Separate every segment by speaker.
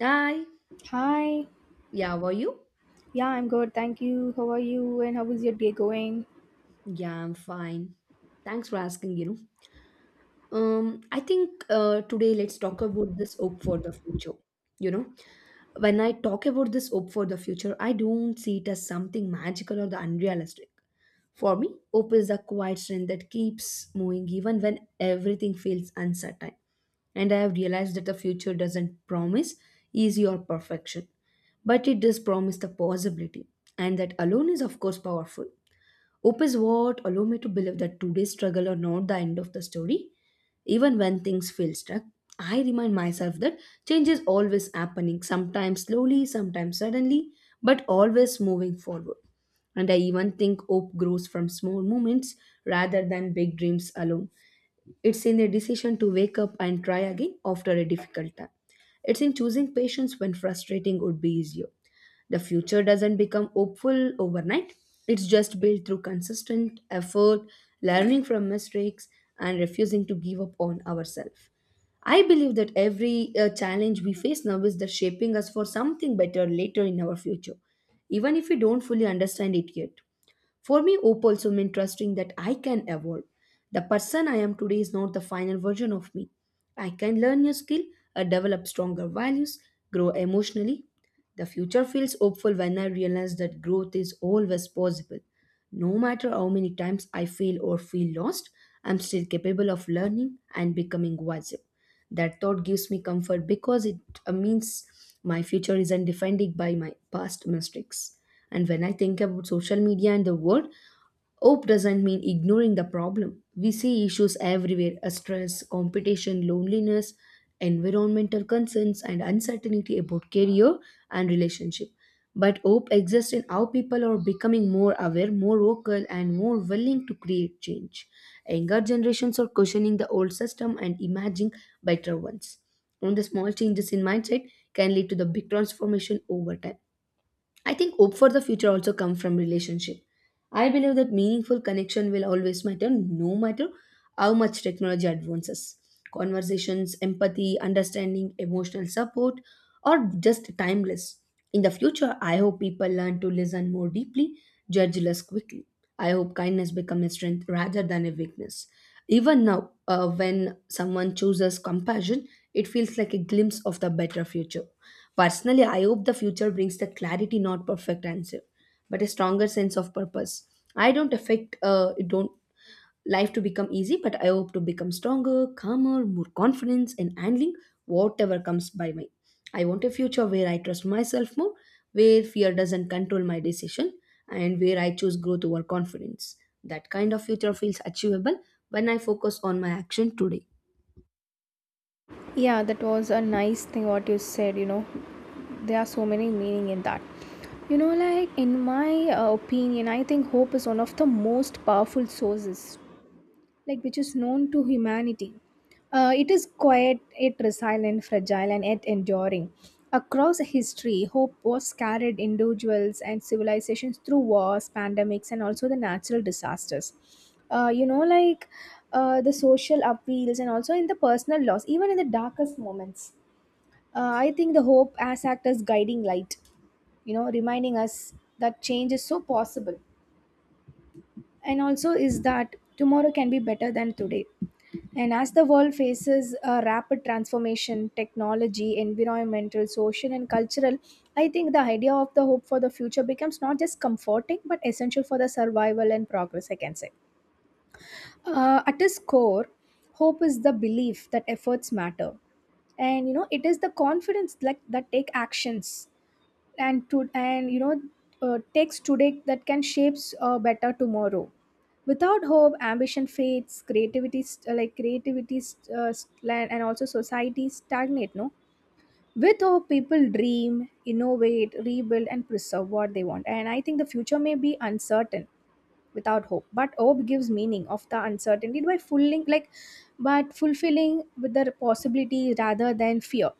Speaker 1: Hi.
Speaker 2: Hi.
Speaker 1: Yeah, how are you?
Speaker 2: Yeah, I'm good. Thank you. How are you? And how is your day going?
Speaker 1: Yeah, I'm fine. Thanks for asking, you know. I think today let's talk about this hope for the future. You know, when I talk about this hope for the future, I don't see it as something magical or the unrealistic. For me, hope is the quiet strength that keeps moving even when everything feels uncertain. And I have realized that the future doesn't promise easy or perfection, but it does promise the possibility. And that alone is, of course, powerful. Hope is what allow me to believe that today's struggle are not the end of the story. Even when things feel stuck, I remind myself that change is always happening, sometimes slowly, sometimes suddenly, but always moving forward. And I even think hope grows from small moments rather than big dreams alone. It's in the decision to wake up and try again after a difficult time. It's in choosing patience when frustrating would be easier. The future doesn't become hopeful overnight, it's just built through consistent effort, learning from mistakes, and refusing to give up on ourselves. I believe that every challenge we face now is the shaping us for something better later in our future, even if we don't fully understand it yet. For me, hope also meant trusting that I can evolve. The person I am today is not the final version of me. I can learn new skill, develop stronger values, grow emotionally. The future feels hopeful when I realize that growth is always possible. No matter how many times I fail or feel lost, I'm still capable of learning and becoming wiser. That thought gives me comfort because it means my future isn't defined by my past mistakes. And when I think about social media and the world, hope doesn't mean ignoring the problem. We see issues everywhere, stress, competition, loneliness, environmental concerns, and uncertainty about career and relationship. But hope exists in how people are becoming more aware, more vocal, and more willing to create change. Younger generations are questioning the old system and imagining better ones. And the small changes in mindset can lead to the big transformation over time. I think hope for the future also comes from relationship. I believe that meaningful connection will always matter no matter how much technology advances. Conversations, empathy, understanding, emotional support are just timeless. In the future, I hope people learn to listen more deeply, judge less quickly. I hope kindness becomes a strength rather than a weakness. Even now, when someone chooses compassion, it feels like a glimpse of the better future. Personally, I hope the future brings the clarity, not perfect answer, but a stronger sense of purpose. I don't affect it don't life to become easy, but I hope to become stronger, calmer, more confidence in handling whatever comes by me. I want a future where I trust myself more, where fear doesn't control my decision, and where I choose growth over confidence. That kind of future feels achievable when I focus on my action today.
Speaker 2: Yeah, that was a nice thing what you said, you know. There are so many meaning in that. You know, like in my opinion, I think hope is one of the most powerful sources like which is known to humanity. It is quiet, yet resilient, fragile, and yet enduring. Across history, hope was carried individuals and civilizations through wars, pandemics, and also the natural disasters. Uh, you know, like the social appeals, and also in the personal loss, even in the darkest moments. I think the hope has act as guiding light, you know, reminding us that change is so possible, and also is that tomorrow can be better than today. And as the world faces a rapid transformation, technology, environmental, social, and cultural, I think the idea of the hope for the future becomes not just comforting but essential for the survival and progress, I can say. At its core, hope is the belief that efforts matter. And you know, it is the confidence like, that take actions and takes today that can shapes a better tomorrow. Without hope ambition fades, creativity creativity and also society stagnate, no. With hope people dream, innovate, rebuild and preserve what they want, and I think the future may be uncertain without hope, but hope gives meaning of the uncertainty by fulfilling like but fulfilling with the possibility rather than fear.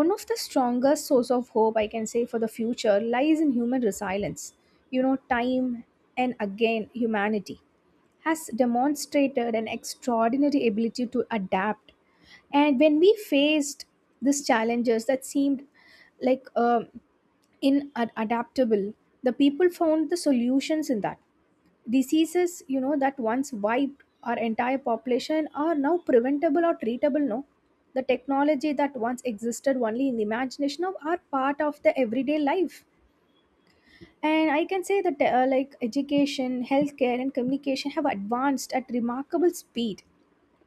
Speaker 2: One of the strongest source of hope I can say for the future lies in human resilience. You know, time and again humanity has demonstrated an extraordinary ability to adapt. And when we faced these challenges that seemed like inadaptable, the people found the solutions in that. Diseases, you know, that once wiped our entire population are now preventable or treatable, no. The technology that once existed only in the imagination of are part of the everyday life, and I can say that like education, healthcare and communication have advanced at remarkable speed,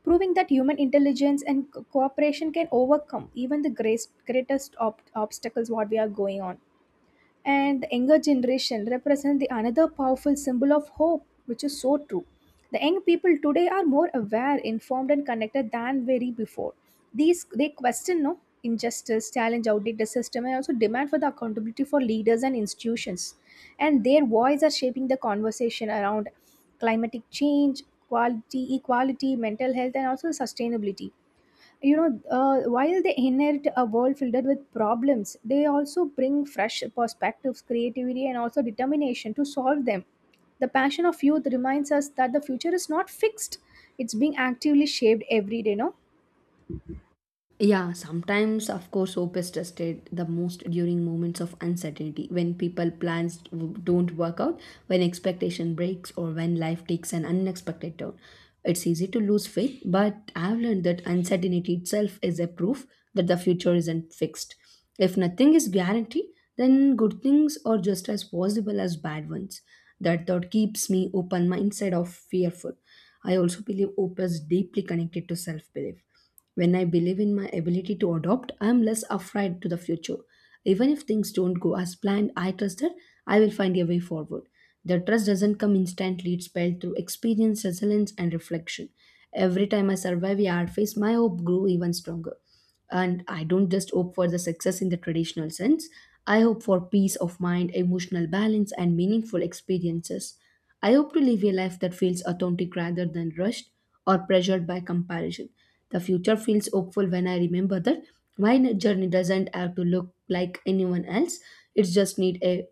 Speaker 2: proving that human intelligence and cooperation can overcome even the greatest obstacles what we are going on. And the younger generation represent the another powerful symbol of hope, which is so true. The young people today are more aware, informed and connected than very before. These they question, no, injustice, challenge outdated system and also demand for the accountability for leaders and institutions. And their voice are shaping the conversation around climatic change, quality, equality, mental health and also sustainability. While they inherit a world filled with problems, they also bring fresh perspectives, creativity and also determination to solve them. The passion of youth reminds us that the future is not fixed, it's being actively shaped every day, no.
Speaker 1: Yeah, sometimes, of course, hope is tested the most during moments of uncertainty when don't work out, when expectation breaks, or when life takes an unexpected turn. It's easy to lose faith, but I've learned that uncertainty itself is a proof that the future isn't fixed. If nothing is guaranteed, then good things are just as possible as bad ones. That thought keeps me open mindset of fearful. I also believe hope is deeply connected to self belief when I believe in my ability to adopt, I am less afraid to the future. Even if things don't go as planned, I trust that I will find a way forward. The trust doesn't come instantly, it's built through experience, resilience, and reflection. Every time I survive a hard phase, my hope grew even stronger. And I don't just hope for the success in the traditional sense, I hope for peace of mind, emotional balance, and meaningful experiences. I hope to live a life that feels authentic rather than rushed or pressured by comparison. The future feels hopeful when I remember that my journey doesn't have to look like anyone else. It just need a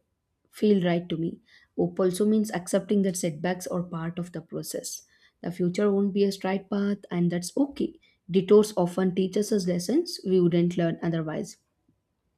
Speaker 1: feel right to me. Hope also means accepting that setbacks are part of the process. The future won't be a straight path, and that's okay. Detours often teaches us lessons we wouldn't learn otherwise.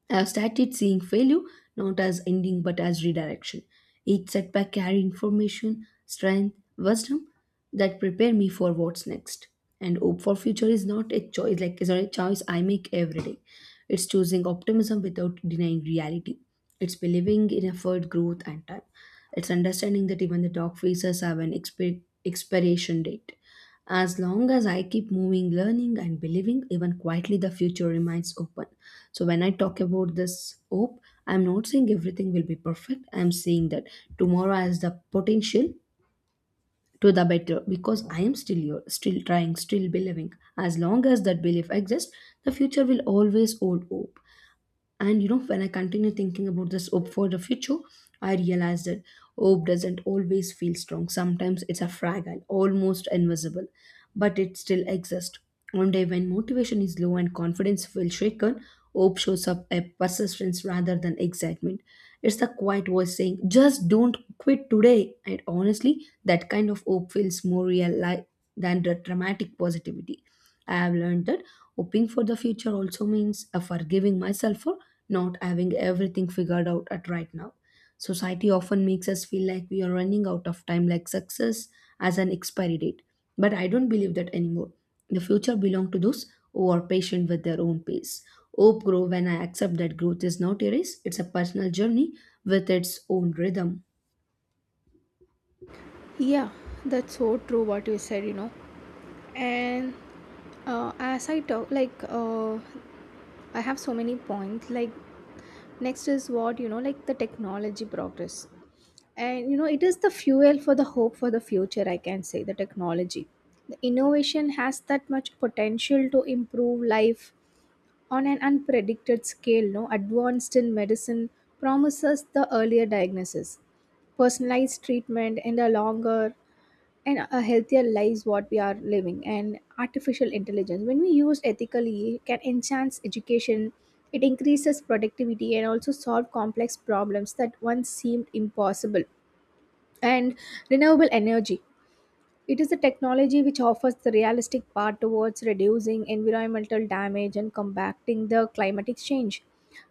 Speaker 1: I've started seeing failure not as ending but as redirection. Each setback carried information, strength, wisdom that prepare me for what's next. And hope for future is not a choice like is not a choice I make every day. It's choosing optimism without denying reality. It's believing in effort, growth, and time. It's understanding that even the dark phases have an expiration date. As long as I keep moving, learning, and believing, even quietly the future remains open. So when I talk about this hope, I'm not saying everything will be perfect. I'm saying that tomorrow has the potential to the better because I am still here, still trying, still believing. As long as that belief exists, the future will always hold hope. And you know, when I continue thinking about this hope for the future, I realize that hope doesn't always feel strong. Sometimes it's a fragile, almost invisible, but it still exists. One day, when motivation is low and confidence feels shaken, hope shows up as persistence rather than excitement. It's the quiet voice saying, "Just don't quit today." And honestly, that kind of hope feels more than the dramatic positivity. I have learned that hoping for the future also means forgiving myself for not having everything figured out at right now. Society often makes us feel like we are running out of time, like success as an expiry date. But I don't believe that anymore. The future belongs to those who are patient with their own pace. Hope grow when I accept that growth is not a race, it's a personal journey with its own rhythm.
Speaker 2: Yeah, that's so true what you said, you know. And As I talk, I have so many points. Like, next is what, you know, like the technology progress. And you know it is the fuel for the hope for the future, I can say. The technology, the innovation has that much potential to improve life on an unpredicted scale, no. Advanced in medicine promises the earlier diagnosis, personalized treatment and a longer and a healthier lives what we are living. And artificial intelligence, when we use ethically, can enhance education, it increases productivity and also solve complex problems that once seemed impossible. And renewable energy. It is a technology which offers the realistic path towards reducing environmental damage and combating the climatic change.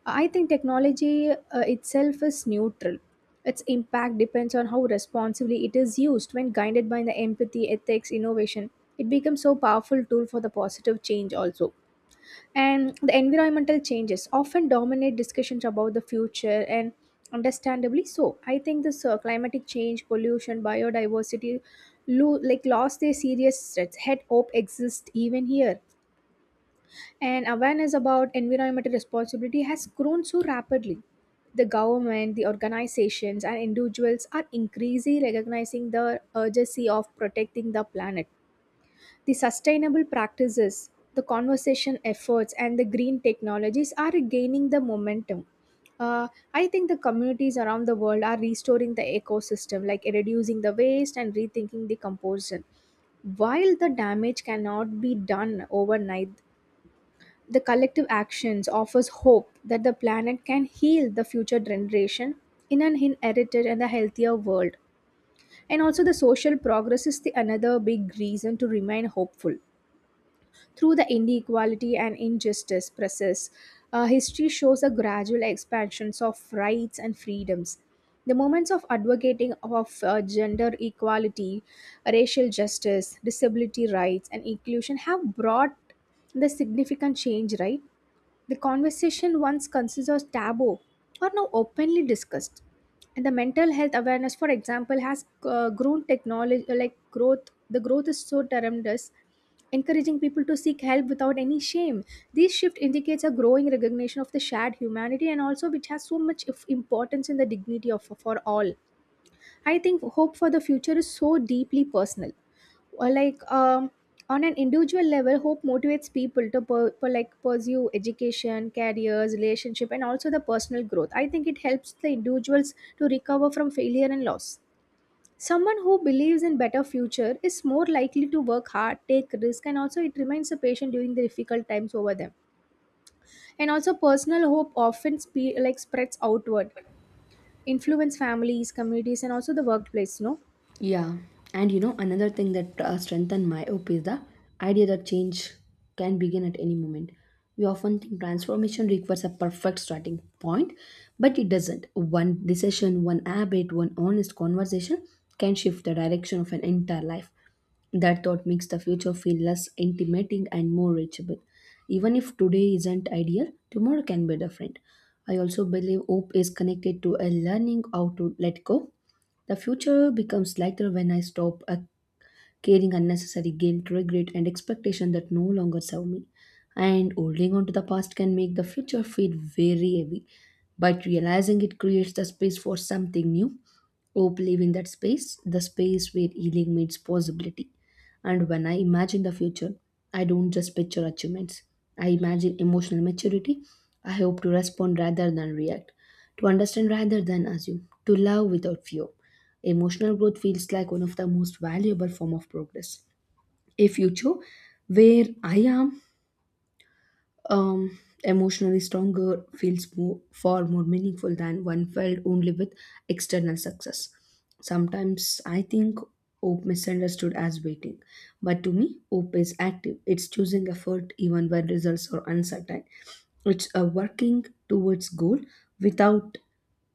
Speaker 2: I think technology itself is neutral. Its impact depends on how responsibly it is used. When guided by the empathy, ethics, innovation, it becomes so powerful tool for the positive change also. And the environmental changes often dominate discussions about the future, and understandably so. I think this climatic change, pollution, biodiversity lost their serious threats, head hope exists even here. And awareness about environmental responsibility has grown so rapidly. The government, the organizations and individuals are increasingly recognizing the urgency of protecting the planet. The sustainable practices, the conservation efforts, and the green technologies are gaining the momentum. Uh, I think the communities around the world are restoring the ecosystem, like reducing the waste and rethinking the composition. While the damage cannot be done overnight, the collective actions offers hope that the planet can heal the future generation in an inherited and a healthier world. And also the social progress is the another big reason to remain hopeful through the inequality and injustice process. History shows a gradual expansion of rights and freedoms. The movements of advocating of gender equality, racial justice, disability rights, and inclusion have brought the significant change, right? The conversation once considered taboo are now openly discussed. And the mental health awareness, for example, has grown technology like growth. The growth is so tremendous, encouraging people to seek help without any shame. This shift indicates a growing recognition of the shared humanity and also which has so much of importance in the dignity of for all. I think hope for the future is so deeply personal, or like on an individual level hope motivates people to per, per like pursue education, careers, relationship and also the personal growth. I think it helps the individuals to recover from failure and loss. Someone who believes in better future is more likely to work hard, take risk and also it remains a patient during the difficult times over them. And also personal hope often spreads outward, influence families, communities and also the workplace, no.
Speaker 1: Yeah, and you know, another thing that strengthened my hope is the idea that change can begin at any moment. We often think transformation requires a perfect starting point, but it doesn't. One decision, one habit, one honest conversation can shift the direction of an entire life. That thought makes the future feel less intimidating and more reachable. Even if today isn't ideal, tomorrow can be different. I also believe hope is connected to a learning how to let go the future becomes lighter when I stop carrying unnecessary guilt, regret, and expectation that no longer serve me. And holding on to the past can make the future feel very heavy, but realizing it creates the space for something new. Hope live in that space, the space where healing meets possibility. And when I imagine the future, I don't just picture achievements. I imagine emotional maturity. I hope to respond rather than react, to understand rather than assume, to love without fear. Emotional growth feels like one of the most valuable form of progress. A future where I am um, emotionally stronger feels more, far more meaningful than one felt only with external success. Sometimes I think hope misunderstood as waiting, but to me, hope is active. It's choosing effort even when results are uncertain. It's a working towards goal without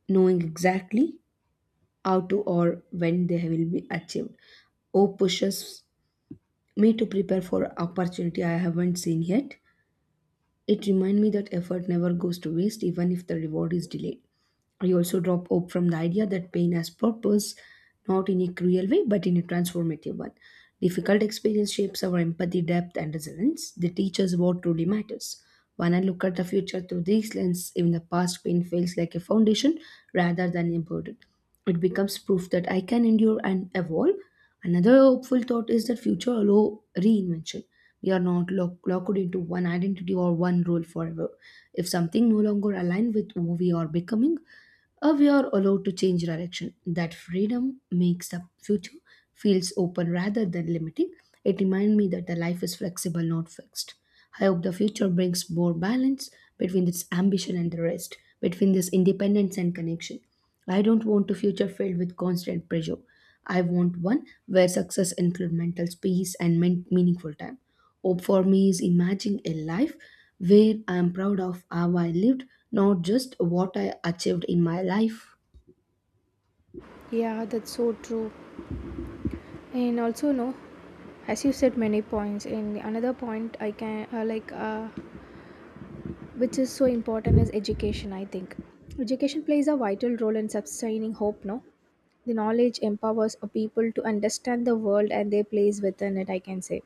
Speaker 1: knowing exactly how to or when they will be achieved. Oh, pushes me to prepare for opportunity I haven't seen yet. It reminds me that effort never goes to waste even if the reward is delayed. I also drop hope from the idea that pain has purpose, not in a cruel way, but in a transformative one. Difficult experience shapes our empathy, depth, and resilience. They teach us what truly matters. When I look at the future through these lens, even the past pain feels like a foundation rather than a burden. It becomes proof that I can endure and evolve. Another hopeful thought is that future allow reinvention. We are not locked into one identity or one role forever. If something no longer aligns with who we are becoming, we are allowed to change direction. That freedom makes the future feels open rather than limiting. It reminds me that the life is flexible, not fixed. I hope the future brings more balance between this ambition and the rest, between this independence and connection. I don't want a future filled with constant pressure. I want one where success includes mental space and meaningful time. Hope for me is imagining a life where I am proud of how I lived, not just what I achieved in my life.
Speaker 2: Yeah, that's so true. And also, no, as you said many points, and another point I can which is so important is education. I think education plays a vital role in sustaining hope, no. The knowledge empowers a people to understand the world and their place within it, I can say.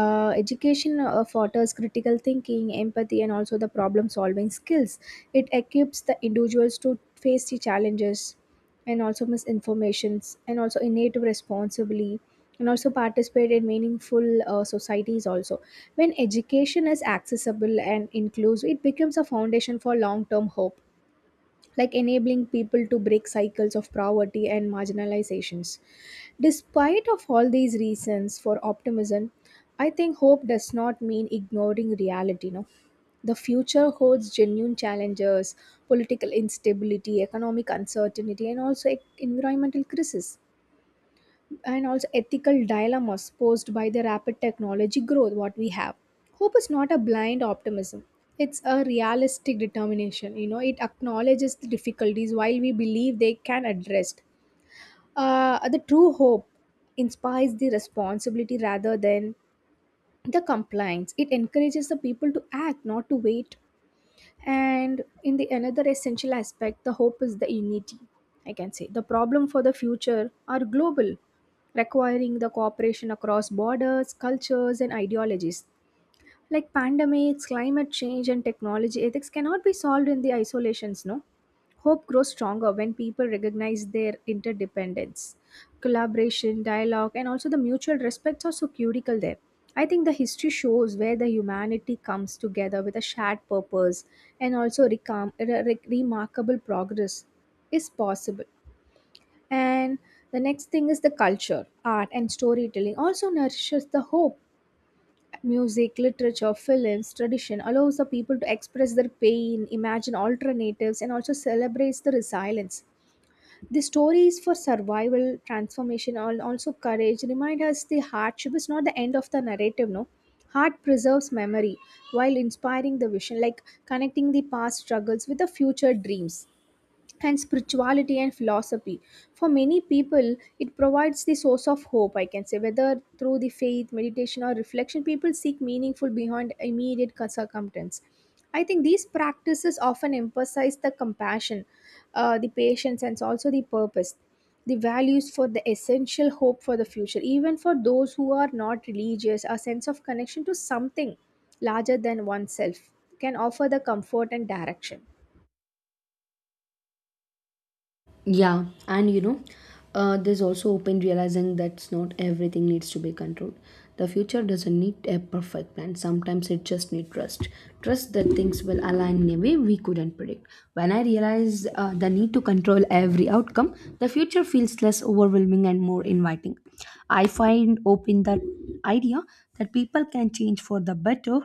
Speaker 2: Education fosters critical thinking, empathy and also the problem solving skills. It equips the individuals to face the challenges and also misinformations and also innate responsibly and also participate in meaningful societies also. When education is accessible and inclusive, it becomes a foundation for long term hope, like enabling people to break cycles of poverty and marginalizations. Despite of all these reasons for optimism, I think hope does not mean ignoring reality, no. The future holds genuine challenges, political instability, economic uncertainty, and also environmental crisis, and also ethical dilemmas posed by the rapid technology growth what we have. Hope is not a blind optimism. It's a realistic determination. You know, it acknowledges the difficulties while we believe they can address. The true hope inspires the responsibility rather than the compliance. It encourages the people to act, not to wait. And in the another essential aspect, the hope is the unity. I can say the problem for the future are global, requiring the cooperation across borders, cultures, and ideologies, like pandemics, climate change, and technology, ethics cannot be solved in the isolations, no? Hope grows stronger when people recognize their interdependence. Collaboration, dialogue, and also the mutual respects are so critical there. I think the history shows where the humanity comes together with a shared purpose, and also remarkable progress is possible. And the next thing is the culture, art, and storytelling also nourishes the hope. Music, literature, films, tradition allows the people to express their pain, imagine alternatives, and also celebrates the resilience. The stories for survival, transformation, and also courage remind us the hardship is not the end of the narrative, no. Heart preserves memory while inspiring the vision, like connecting the past struggles with the future dreams and spirituality and philosophy. For many people, it provides the source of hope, I can say, whether through the faith, meditation, or reflection, people seek meaningful beyond immediate circumstance. I think these practices often emphasize the compassion, the patience, and also the purpose, the values for the essential hope for the future. Even for those who are not religious, a sense of connection to something larger than oneself can offer the comfort and direction.
Speaker 1: Yeah, and you know, there's also open realizing that not everything needs to be controlled. The future doesn't need a perfect plan. Sometimes it just needs trust. Trust that things will align in a way we couldn't predict. When I realize the need to control every outcome, the future feels less overwhelming and more inviting. I find open that idea that people can change for the better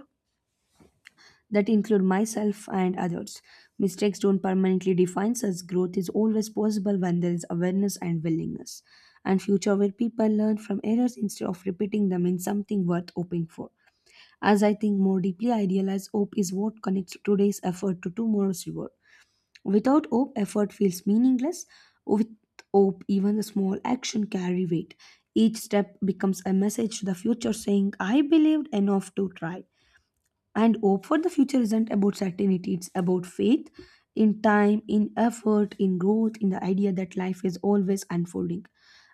Speaker 1: that include myself and others. Mistakes don't permanently define us. Growth is always possible when there is awareness and willingness. And future where people learn from errors instead of repeating them in something worth hoping for. As I think more deeply, I realize hope is what connects today's effort to tomorrow's reward. Without hope, effort feels meaningless. With hope, even the small action carry weight. Each step becomes a message to the future saying, I believed enough to try. And hope for the future isn't about certainty, it's about faith in time, in effort, in growth, in the idea that life is always unfolding.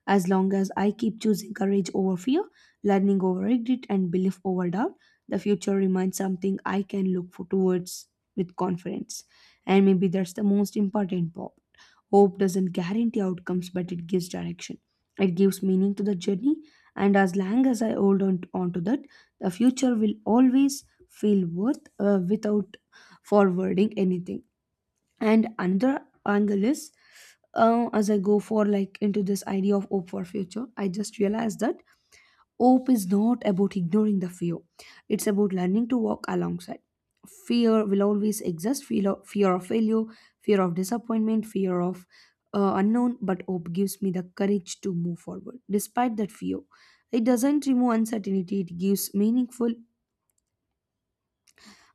Speaker 1: As long as I keep choosing courage over fear, learning over regret, and belief over doubt, the future remains something I can look for towards with confidence. And maybe that's the most important part. Hope doesn't guarantee outcomes, but it gives direction. It gives meaning to the journey, and as long as I hold on to that, the future will always feel worth without forwarding anything. And another angle is, as I go for like into this idea of hope for future, I just realized that hope is not about ignoring the fear. It's about learning to walk alongside. Fear will always exist. Fear of failure, fear of disappointment, fear of unknown. But hope gives me the courage to move forward despite that fear. It doesn't remove uncertainty. It gives meaningful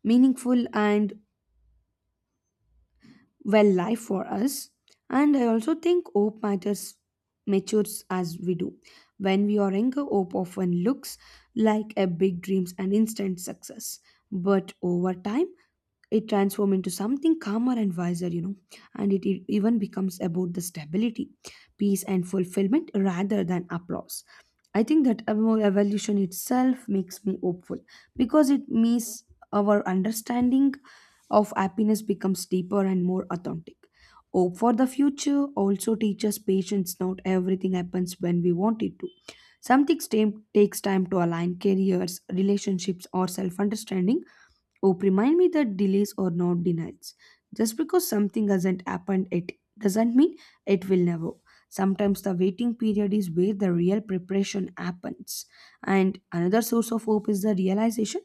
Speaker 1: meaningful and well life for us. And I also think hope matters matures as we do. When we are younger, hope often looks like a big dreams and instant success. But over time, it transforms into something calmer and wiser, you know. And it even becomes about the stability, peace and fulfillment rather than applause. I think that evolution itself makes me hopeful, because it means our understanding of happiness becomes deeper and more authentic. Hope for the future also teaches patience. Not everything happens when we want it to. Some things takes time to align careers, relationships, or self-understanding. Hope remind me that delays are not denials. Just because something hasn't happened it doesn't mean it will never. Sometimes the waiting period is where the real preparation happens. And another source of hope is the realization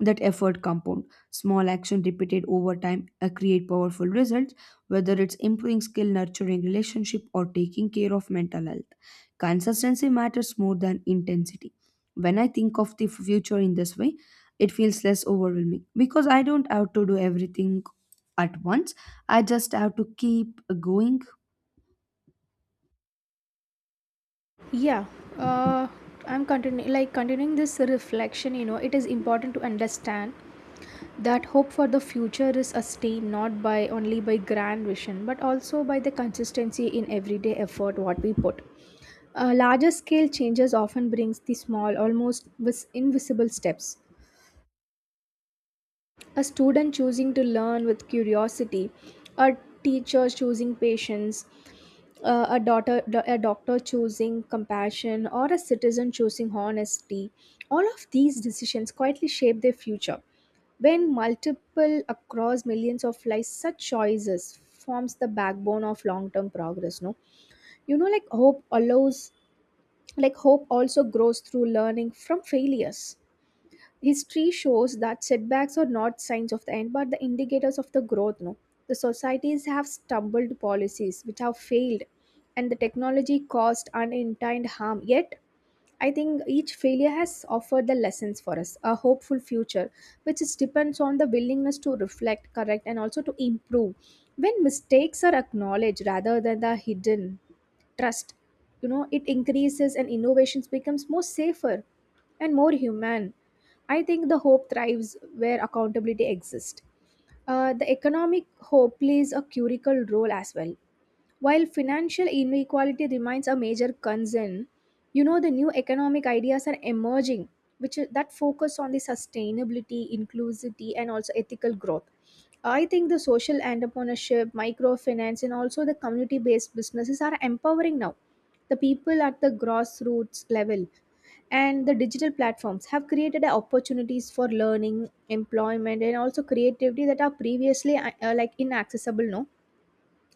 Speaker 1: that effort compound. Small action repeated over time create powerful results, whether it's improving skill, nurturing relationship or taking care of mental health. Consistency matters more than intensity. When I think of the future in this way, it feels less overwhelming because I don't have to do everything at once. I just have to keep going.
Speaker 2: Yeah, uh, I'm continuing, like continuing this reflection. You know, it is important to understand that hope for the future is sustained not by only by grand vision but also by the consistency in everyday effort what we put. Larger scale changes often brings the small, almost invisible steps. A student choosing to learn with curiosity, a teacher choosing patience, a doctor choosing compassion, or a citizen choosing honesty. All of these decisions quietly shape their future. When multiple across millions of lives, such choices forms the backbone of long term progress, no? You know like hope allows like hope also grows through learning from failures. History shows that setbacks are not signs of the end but the indicators of the growth, no? The societies have stumbled, policies which have failed, and the technology caused unintended harm, yet I think each failure has offered the lessons for us. A hopeful future which is depends on the willingness to reflect, correct, and also to improve. When mistakes are acknowledged rather than the hidden, trust, you know, it increases, and innovations becomes more safer and more human. I think the hope thrives where accountability exists. The economic hope plays a critical role as well. While financial inequality remains a major concern, you know, the new economic ideas are emerging, which that focus on the sustainability, inclusivity, and also ethical growth. I think the social entrepreneurship, microfinance, and also the community based businesses are empowering now. The people at the grassroots level and the digital platforms have created opportunities for learning, employment, and also creativity that are previously like inaccessible. No,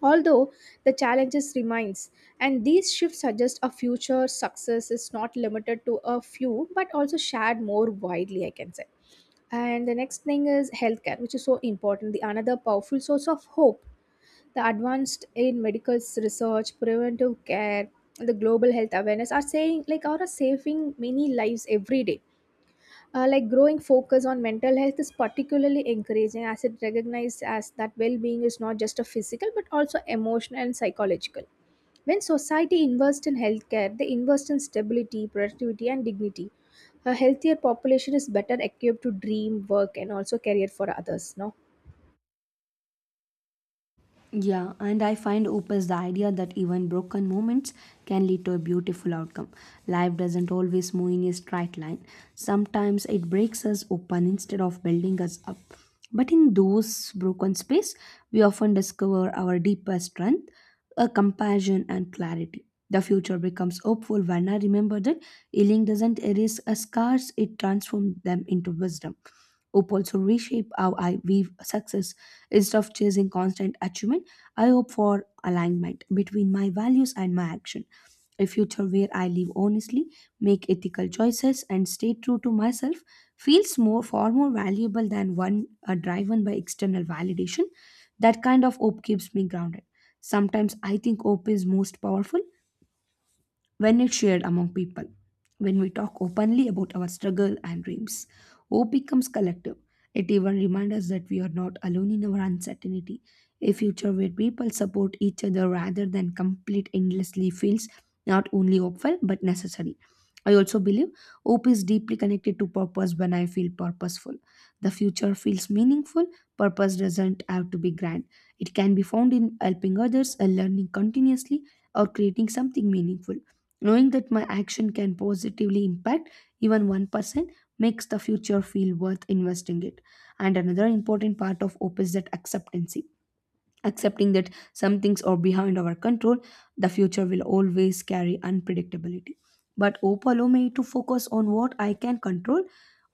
Speaker 2: although the challenges remains, and these shifts suggest a future success is not limited to a few, but also shared more widely, I can say. And the next thing is healthcare, which is so important, the another powerful source of hope. The advanced in medical research, preventive care, and the global health awareness are saying like are saving many lives every day. Like growing focus on mental health is particularly encouraging as it recognizes as that well-being is not just a physical but also emotional and psychological. When society invests in healthcare, they invest in stability, productivity, and dignity. A healthier population is better equipped to dream, work, and also career for others. No.
Speaker 1: Yeah, and I find opens the idea that even broken moments can lead to a beautiful outcome. Life doesn't always move in a straight line. Sometimes it breaks us open instead of building us up. But in those broken space, we often discover our deepest strength, a compassion and clarity. The future becomes hopeful when I remember that healing doesn't erase a scars, it transforms them into wisdom. Hope also reshape how I view success. Instead of chasing constant achievement, I hope for alignment between my values and my action. A future where I live honestly, make ethical choices, and stay true to myself feels more far more valuable than one driven by external validation. That kind of hope keeps me grounded. Sometimes I think hope is most powerful when it's shared among people. When we talk openly about our struggle and dreams, hope becomes collective. It even reminds us that we are not alone in our uncertainty. A future where people support each other rather than complete endlessly feels not only hopeful but necessary. I also believe hope is deeply connected to purpose when I feel purposeful. The future feels meaningful. Purpose doesn't have to be grand. It can be found in helping others, learning continuously, or creating something meaningful. Knowing that my action can positively impact even 1% makes the future feel worth investing it. And another important part of hope is that acceptancy. Accepting that some things are behind our control, the future will always carry unpredictability. But hope allows me to focus on what I can control,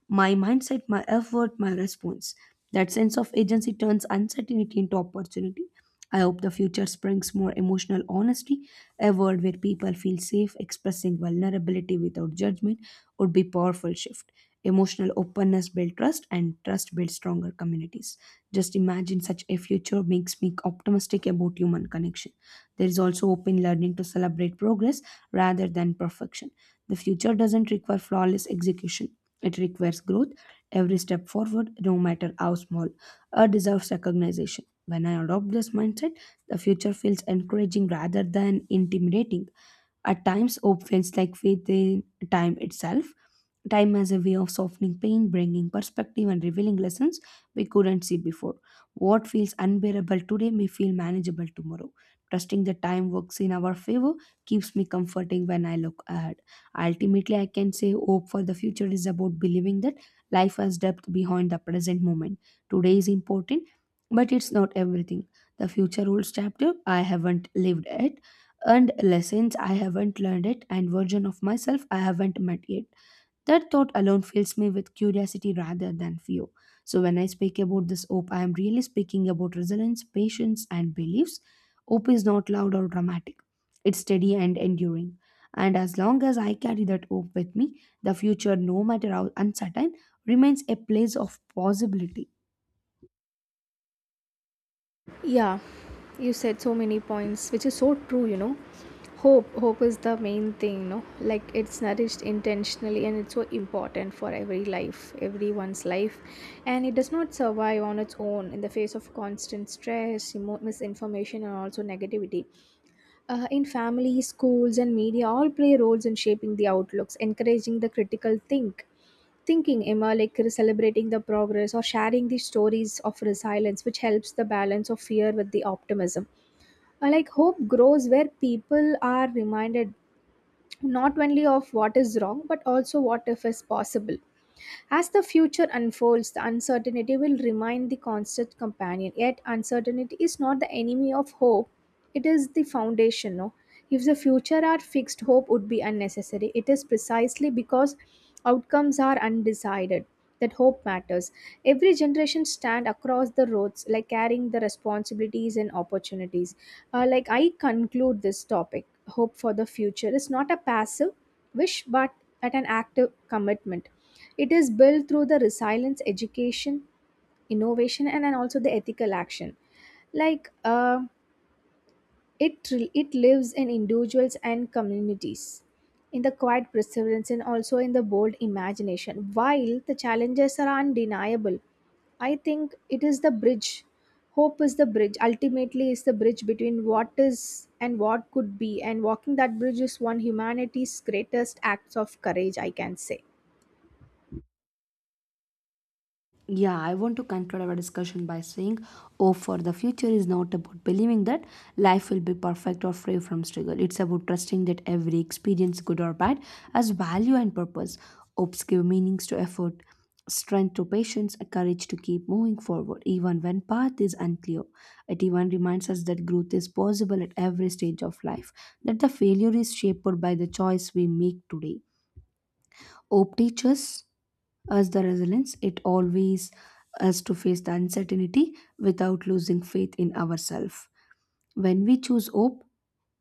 Speaker 1: my mindset, my effort, my response. That sense of agency turns uncertainty into opportunity. I hope the future brings more emotional honesty, a world where people feel safe expressing vulnerability without judgment would be powerful shift. Emotional openness builds trust and trust builds stronger communities. Just imagine such a future makes me optimistic about human connection. There is also open learning to celebrate progress rather than perfection. The future doesn't require flawless execution, it requires growth. Every step forward, no matter how small, deserves recognition. When I adopt this mindset, the future feels encouraging rather than intimidating. At times, hope feels like faith in time itself. Time has a way of softening pain, bringing perspective, and revealing lessons we couldn't see before. What feels unbearable today may feel manageable tomorrow. Trusting that time works in our favor keeps me comforting when I look ahead. Ultimately, I can say hope for the future is about believing that life has depth behind the present moment. Today is important, but it's not everything. The future holds chapter I haven't lived yet, and lessons I haven't learned it and version of myself I haven't met yet. That thought alone fills me with curiosity rather than fear. So when I speak about this hope, I am really speaking about resilience, patience, and beliefs. Hope is not loud or dramatic. It's steady and enduring. And as long as I carry that hope with me, the future, no matter how uncertain, remains a place of possibility.
Speaker 2: Yeah, you said so many points, which is so true. You know, hope is the main thing. No, like it's nourished intentionally, and it's so important for every life, everyone's life, and it does not survive on its own in the face of constant stress, misinformation, and also negativity. In families, schools, and media, all play roles in shaping the outlooks, encouraging the critical thinking. Emma, like celebrating the progress or sharing the stories of resilience, which helps the balance of fear with the optimism. Like hope grows where people are reminded not only of what is wrong but also what if is possible. As the future unfolds, the uncertainty will remain the constant companion. Yet, uncertainty is not the enemy of hope, it is the foundation. No? If the future are fixed, hope would be unnecessary. It is precisely because outcomes are undecided that hope matters. Every generation stand across the roads, like carrying the responsibilities and opportunities. Like I conclude this topic, hope for the future is not a passive wish, but at an active commitment. It is built through the resilience, education, innovation, and then also the ethical action. like uh, it lives in individuals and communities, in the quiet perseverance and also in the bold imagination. While the challenges are undeniable, I think it is the bridge. Hope is the bridge. Ultimately, is the bridge between what is and what could be. And walking that bridge is one humanity's greatest acts of courage, I can say.
Speaker 1: Yeah, I want to conclude our discussion by saying, "Oh, for the future is not about believing that life will be perfect or free from struggle. It's about trusting that every experience, good or bad, has value and purpose. Hopes give meanings to effort, strength to patience, and courage to keep moving forward, even when path is unclear. It even reminds us that growth is possible at every stage of life, that the failure is shaped by the choice we make today. Hope teaches us the resilience. It always us to face the uncertainty without losing faith in ourselves. When we choose hope,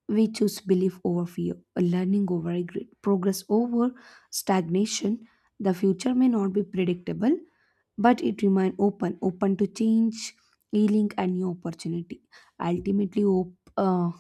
Speaker 1: we choose belief over fear, learning over regret, progress over stagnation. The future may not be predictable, but it remains open, open to change, healing, and new opportunity. Ultimately, hope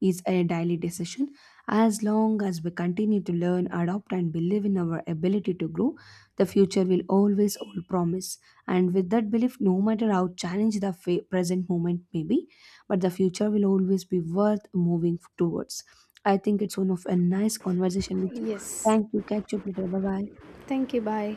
Speaker 1: is a daily decision. As long as we continue to learn, adopt, and believe in our ability to grow, the future will always hold promise. And with that belief, no matter how challenged the present moment may be, but the future will always be worth moving towards. I think it's one of a nice conversation with you.
Speaker 2: Yes.
Speaker 1: Thank you. Catch up later. Bye bye.
Speaker 2: Thank you. Bye.